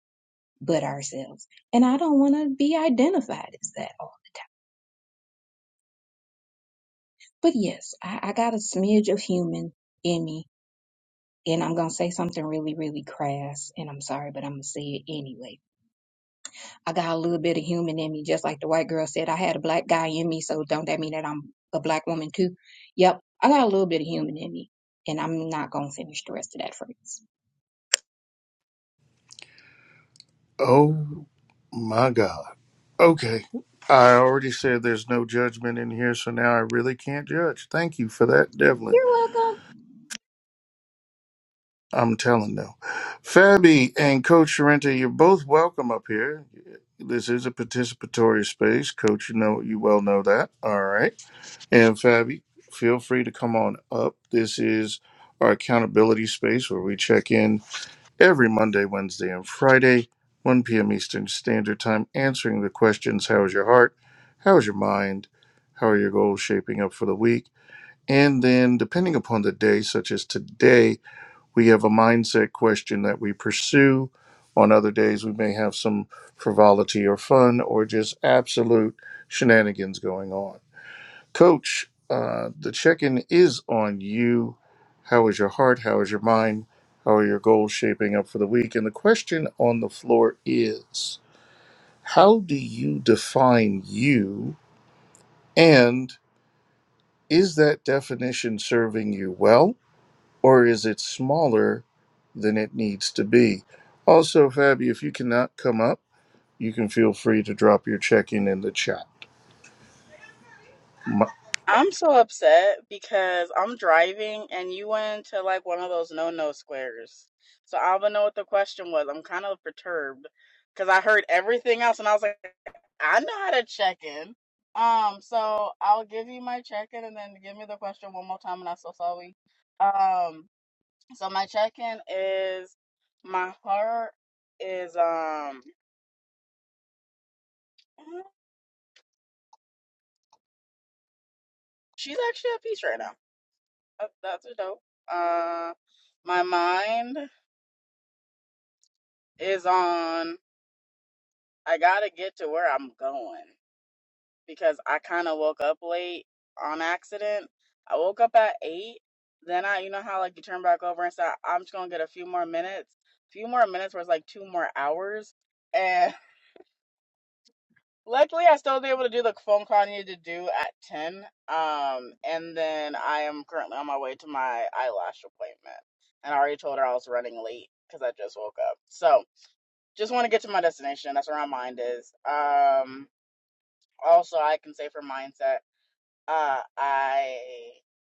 but ourselves. And I don't want to be identified as that. But yes, I, I got a smidge of human in me. And I'm going to say something really, really crass. And I'm sorry, but I'm going to say it anyway I got a little bit of human in me, just like the white girl said. I had a black guy in me, so don't that mean that I'm a black woman too? Yep, I got a little bit of human in me, and I'm not gonna finish the rest of that phrase.
Oh my God. Okay. I already said there's no judgment in here, so now I really can't judge. Thank you for that, Devlin.
You're welcome.
I'm telling them. Fabi and Coach Sorrento, you're both welcome up here. This is a participatory space. Coach, you know you well know that. All right. And Fabi, feel free to come on up. This is our accountability space where we check in every Monday, Wednesday, and Friday, 1 p.m. Eastern Standard Time, answering the questions How is your heart? How is your mind? How are your goals shaping up for the week? And then, depending upon the day, such as today, we have a mindset question that we pursue. On other days, we may have some frivolity or fun or just absolute shenanigans going on. Coach, uh, the check in is on you. How is your heart? How is your mind? How are your goals shaping up for the week? And the question on the floor is how do you define you? And is that definition serving you well? or is it smaller than it needs to be? Also, Fabi, if you cannot come up, you can feel free to drop your check in in the chat. M-
I'm so upset because I'm driving and you went to like one of those no no squares. So I don't even know what the question was. I'm kind of perturbed because I heard everything else and I was like, I know how to check in. Um, so I'll give you my check in and then give me the question one more time and I'm so sorry. Um, so my check in is my heart is um she's actually at peace right now. That, that's a dope. Uh, my mind. is on I gotta get to where I'm going because I kind of woke up late on accident. I woke up at eight. Then I, you know how like you turn back over and say, I'm just gonna get a few more minutes, few more minutes where it's like two more hours. And luckily, I still was able to do the phone call I needed to do at 10. Um, and then I am currently on my way to my eyelash appointment. And I already told her I was running late because I just woke up. So, Just want to get to my destination. That's where my mind is. Um, also, I can say for mindset, uh, I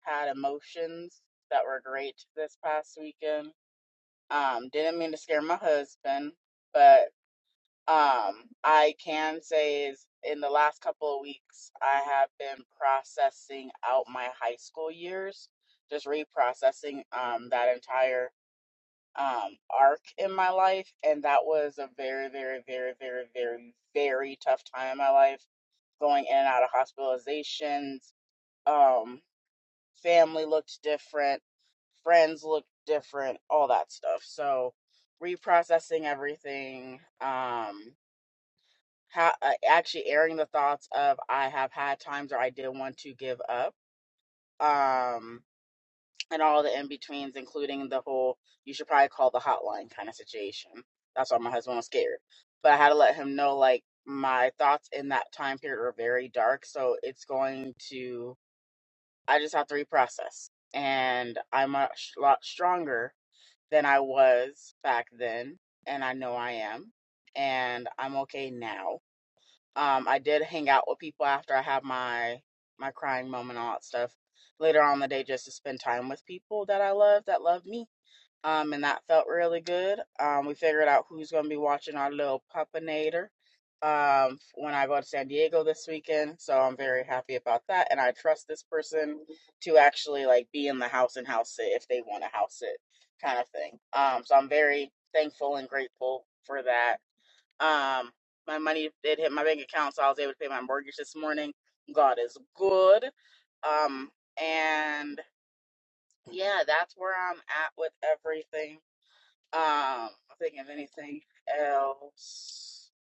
had emotions that were great this past weekend. Um, didn't mean to scare my husband, but um, I can say is in the last couple of weeks, I have been processing out my high school years, just reprocessing um that entire um arc in my life and that was a very very very very very very tough time in my life going in and out of hospitalizations um family looked different friends looked different all that stuff so reprocessing everything um ha- uh, actually airing the thoughts of i have had times where i did want to give up um and all the in betweens, including the whole you should probably call the hotline kind of situation. That's why my husband was scared. But I had to let him know like my thoughts in that time period were very dark. So it's going to, I just have to reprocess. And I'm a sh- lot stronger than I was back then. And I know I am. And I'm okay now. Um, I did hang out with people after I had my my crying moment, all that stuff. Later on in the day, just to spend time with people that I love, that love me. Um, and that felt really good. Um, we figured out who's going to be watching our little puppinator um, when I go to San Diego this weekend. So I'm very happy about that, and I trust this person to actually like be in the house and house it if they want to house it, kind of thing. Um, so I'm very thankful and grateful for that um, my money did hit my bank account, so I was able to pay my mortgage this morning. God is good. Um, and yeah, that's where I'm at with everything. Um, I think of anything else.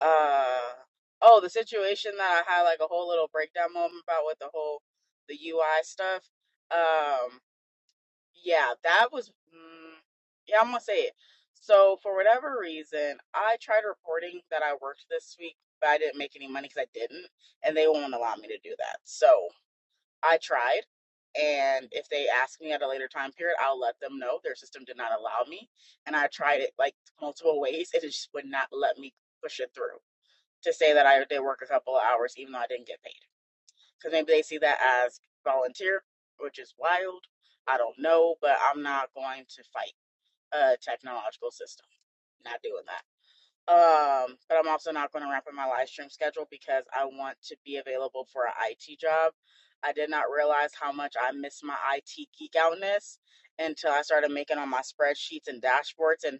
Uh, oh, the situation that I had like a whole little breakdown moment about with the whole the UI stuff. Um, yeah, that was, mm, yeah, I'm gonna say it. So for whatever reason, I tried reporting that I worked this week, but I didn't make any money because I didn't, and they won't allow me to do that. So I tried, and if they ask me at a later time period, I'll let them know. Their system did not allow me, and I tried it like multiple ways, and it just would not let me push it through to say that I did work a couple of hours, even though I didn't get paid because maybe they see that as volunteer, which is wild. I don't know, but I'm not going to fight a technological system. Not doing that. Um, but I'm also not going to wrap up my live stream schedule because I want to be available for an IT job. I did not realize how much I missed my IT geek outness until I started making all my spreadsheets and dashboards. And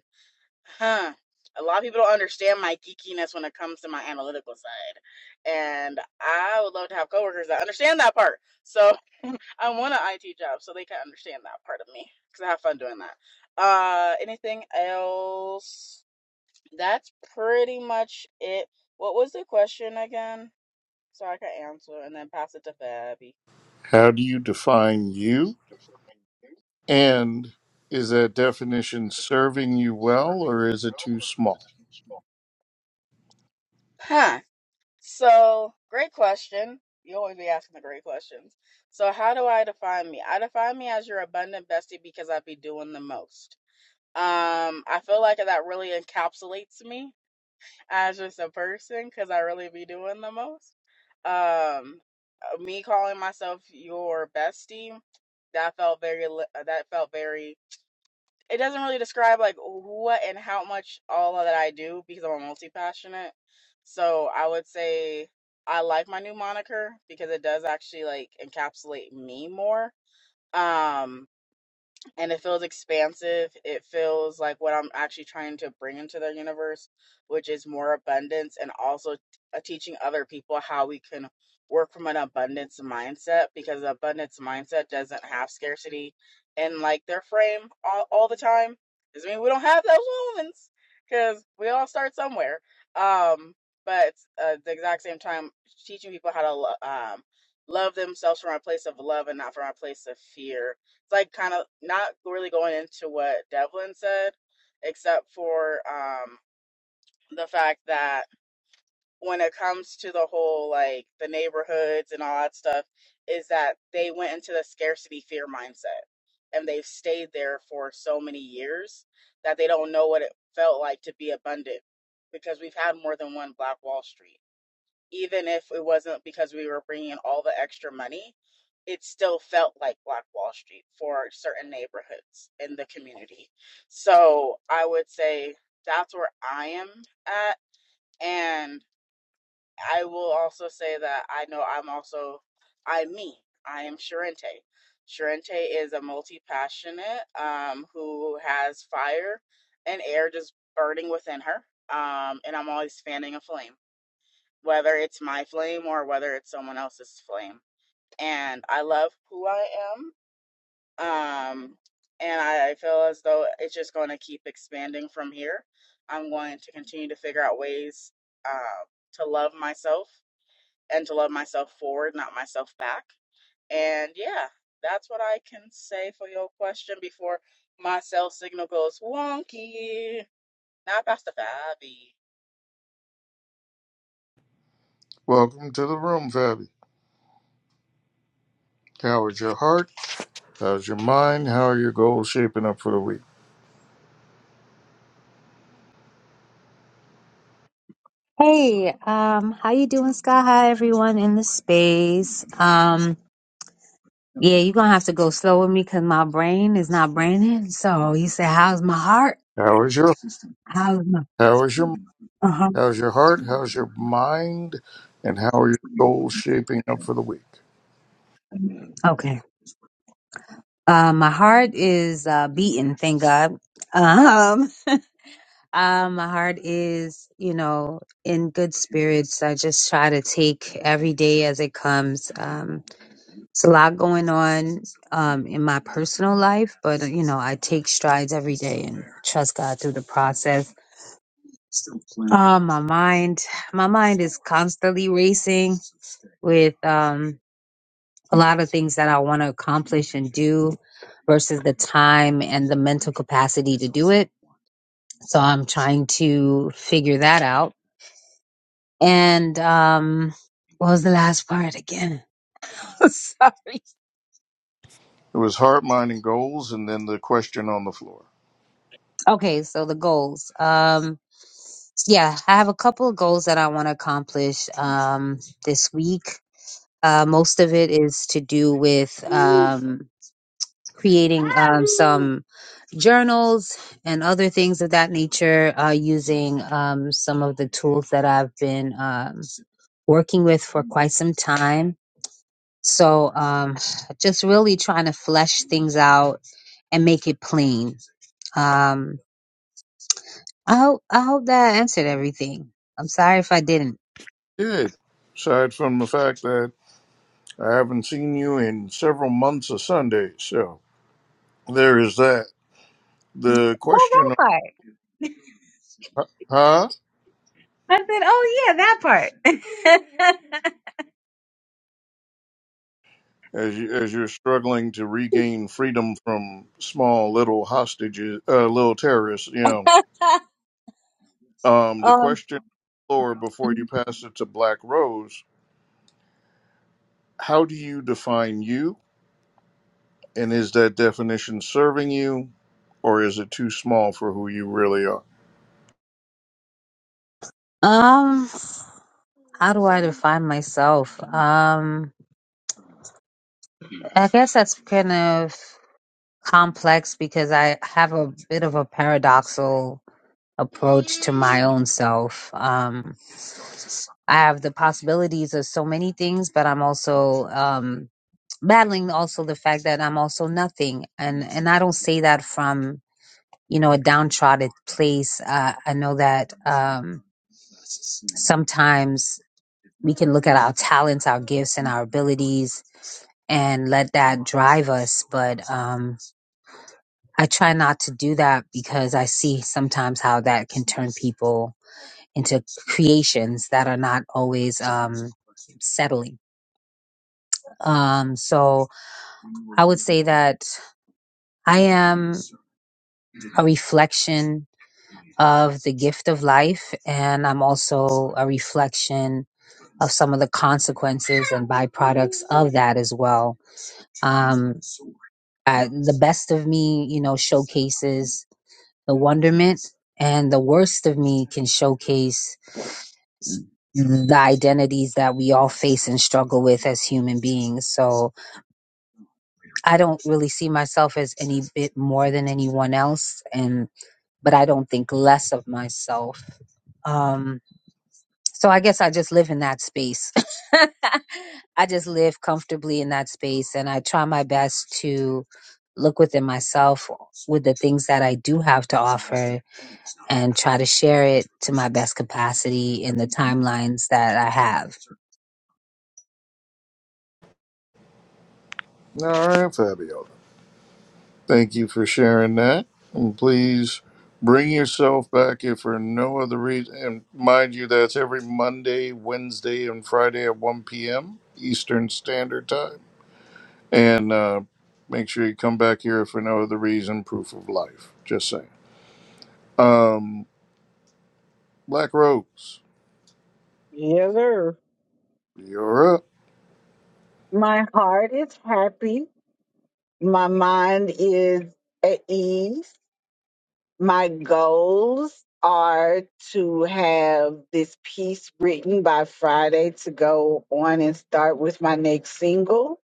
huh, a lot of people don't understand my geekiness when it comes to my analytical side. And I would love to have coworkers that understand that part. So I want an IT job so they can understand that part of me because I have fun doing that. Uh, anything else? That's pretty much it. What was the question again? So I can answer and then pass it to Fabby.
How do you define you? And is that definition serving you well or is it too small?
Huh. So, great question. You always be asking the great questions. So, how do I define me? I define me as your abundant bestie because I be doing the most. Um, I feel like that really encapsulates me as just a person because I really be doing the most. Um, uh, me calling myself your bestie, that felt very uh, that felt very it doesn't really describe like what and how much all of that I do because I'm a multi passionate. So I would say I like my new moniker because it does actually like encapsulate me more. Um and it feels expansive. It feels like what I'm actually trying to bring into their universe, which is more abundance and also t- uh, teaching other people how we can work from an abundance mindset because the abundance mindset doesn't have scarcity in like their frame all, all the time. Doesn't mean we don't have those moments because we all start somewhere. Um, but uh, at the exact same time, teaching people how to lo- um, love themselves from a place of love and not from a place of fear like kind of not really going into what Devlin said, except for um, the fact that when it comes to the whole like the neighborhoods and all that stuff, is that they went into the scarcity fear mindset and they've stayed there for so many years that they don't know what it felt like to be abundant because we've had more than one Black Wall Street even if it wasn't because we were bringing in all the extra money, it still felt like Black Wall Street for certain neighborhoods in the community. So I would say that's where I am at. And I will also say that I know I'm also, I'm me. I am Sharente. Sharente is a multi passionate um, who has fire and air just burning within her. Um, and I'm always fanning a flame whether it's my flame or whether it's someone else's flame. And I love who I am. Um, and I, I feel as though it's just going to keep expanding from here. I'm going to continue to figure out ways uh, to love myself and to love myself forward, not myself back. And yeah, that's what I can say for your question before my cell signal goes wonky. Now, Pastor Fabi.
Welcome to the room, Fabi. How is your heart? How's your mind? How are your goals shaping up for the week?
Hey, um, how you doing, Sky High, everyone in the space? Um, yeah, you're gonna have to go slow with me because my brain is not braining. So you said, how's my heart?
How is your
How's my,
how is your
uh-huh.
how's your heart? How's your mind? And how are your goals shaping up for the week?
Okay. Uh, my heart is, uh, beating, thank God. Um, uh, my heart is, you know, in good spirits. I just try to take every day as it comes. Um, It's a lot going on um, in my personal life, but uh, you know, I take strides every day and trust God through the process. Uh, my mind, my mind is constantly racing with um, a lot of things that I want to accomplish and do, versus the time and the mental capacity to do it. So I'm trying to figure that out. And um, what was the last part again? Sorry.
It was heart, mind, goals, and then the question on the floor.
Okay, so the goals. Um, Yeah, I have a couple of goals that I want to accomplish um, this week. Uh, most of it is to do with um, creating um, some journals and other things of that nature uh, using um, some of the tools that I've been um, working with for quite some time. So, um, just really trying to flesh things out and make it plain. Um, I hope I hope that I answered everything. I'm sorry if I didn't.
Good. Aside from the fact that I haven't seen you in several months of Sundays, so there is that. The question, huh?
I said, "Oh yeah, that part."
As you, as you're struggling to regain freedom from small little hostages, uh, little terrorists, you know, um, the
Oh,
question on the floor before you pass it to Black Rose. How do you define you, and is that definition serving you, or is it too small for who you really are?
um, how do I define myself? Um, I guess that's kind of complex because I have a bit of a paradoxical approach to my own self. Um, I have the possibilities of so many things, but I'm also um battling also the fact that I'm also nothing, and and I don't say that from you know a downtrodden place. Uh, I know that. Um, Sometimes we can look at our talents, our gifts, and our abilities and let that drive us. But um, I try not to do that because I see sometimes how that can turn people into creations that are not always um, settling. Um, so I would say that I am a reflection of the gift of life, and I'm also a reflection of some of the consequences and byproducts of that as well. Um, uh, the best of me, you know, showcases the wonderment, and the worst of me can showcase the identities that we all face and struggle with as human beings. So I don't really see myself as any bit more than anyone else, and but I don't think less of myself. Um, So I guess I just live in that space. I just live comfortably in that space and I try my best to look within myself with the things that I do have to offer and try to share it to my best capacity in the timelines that I have.
All right, Fabio. Thank you for sharing that. And please bring yourself back if for no other reason. And mind you, that's every Monday, Wednesday, and Friday at 1 p.m. Eastern Standard Time. And uh, make sure you come back here if for no other reason. Proof of life. Just saying. Um, Black Rose,
Yes, sir.
you're up.
My heart is happy. My mind is at ease. My goals are to have this piece written by Friday to go on and start with my next single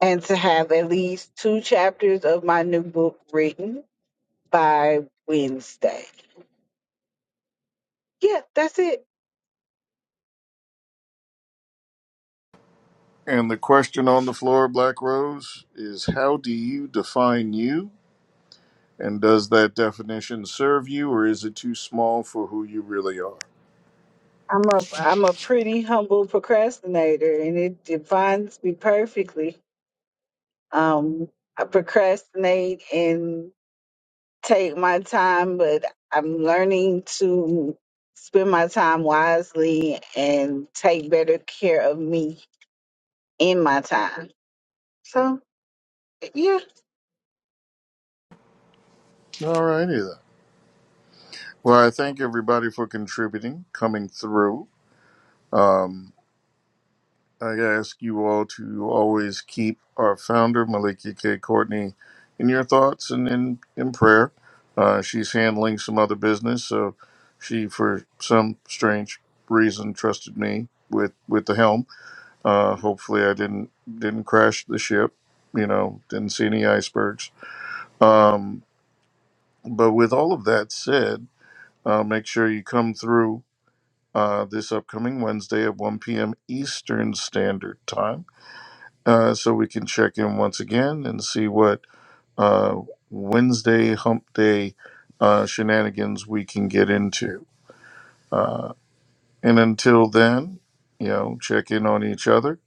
and to have at least two chapters of my new book written by Wednesday. Yeah, that's it.
And the question on the floor, Black Rose, is how do you define you? And does that definition serve you, or is it too small for who you really are?
I'm a I'm a pretty humble procrastinator and it defines me perfectly. Um, I procrastinate and take my time, but I'm learning to spend my time wisely and take better care of me in my time. So, yeah.
All righty then. Well, I thank everybody for contributing, coming through. Um, I ask you all to always keep our founder, Malika K. Courtney, in your thoughts and in, in prayer. Uh, she's handling some other business, so she, for some strange reason, trusted me with, with the helm. Uh, hopefully, I didn't didn't crash the ship. You know, didn't see any icebergs Um, but with all of that said, uh, make sure you come through uh, this upcoming Wednesday at 1 p.m. Eastern Standard Time uh, so we can check in once again and see what uh, Wednesday hump day uh, shenanigans we can get into. Uh, and until then, you know, check in on each other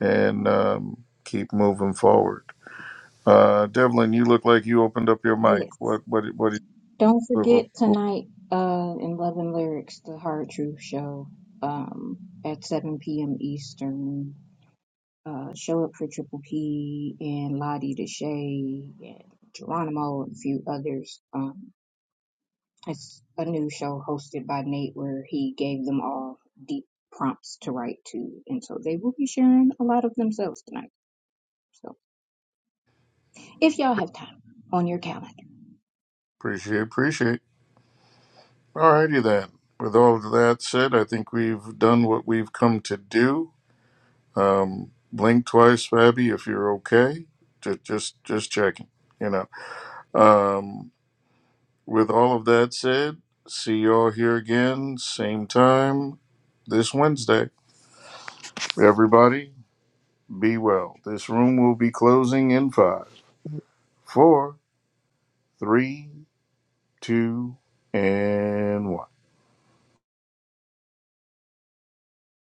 and um, keep moving forward. Uh, Devlin, you look like you opened up your mic.
Yes.
What, what, what do
Don't
you
forget tonight, uh, in Love and Lyrics, the Hard Truth Show, um, at 7 p.m. Eastern. Uh, show up for Triple P and Lottie Deshay and Geronimo and a few others. Um, It's a new show hosted by Nate where he gave them all deep prompts to write to. And so they will be sharing a lot of themselves tonight. So if y'all have time on your calendar.
appreciate? Appreciate. Alrighty then. With all of that said, I think we've done what we've come to do. Um, blink twice, Fabi, if you're okay. Just, just, just checking. You know. Um, with all of that said, see y'all here again, same time this Wednesday. Everybody, be well. This room will be closing in five, four, three, two, and one.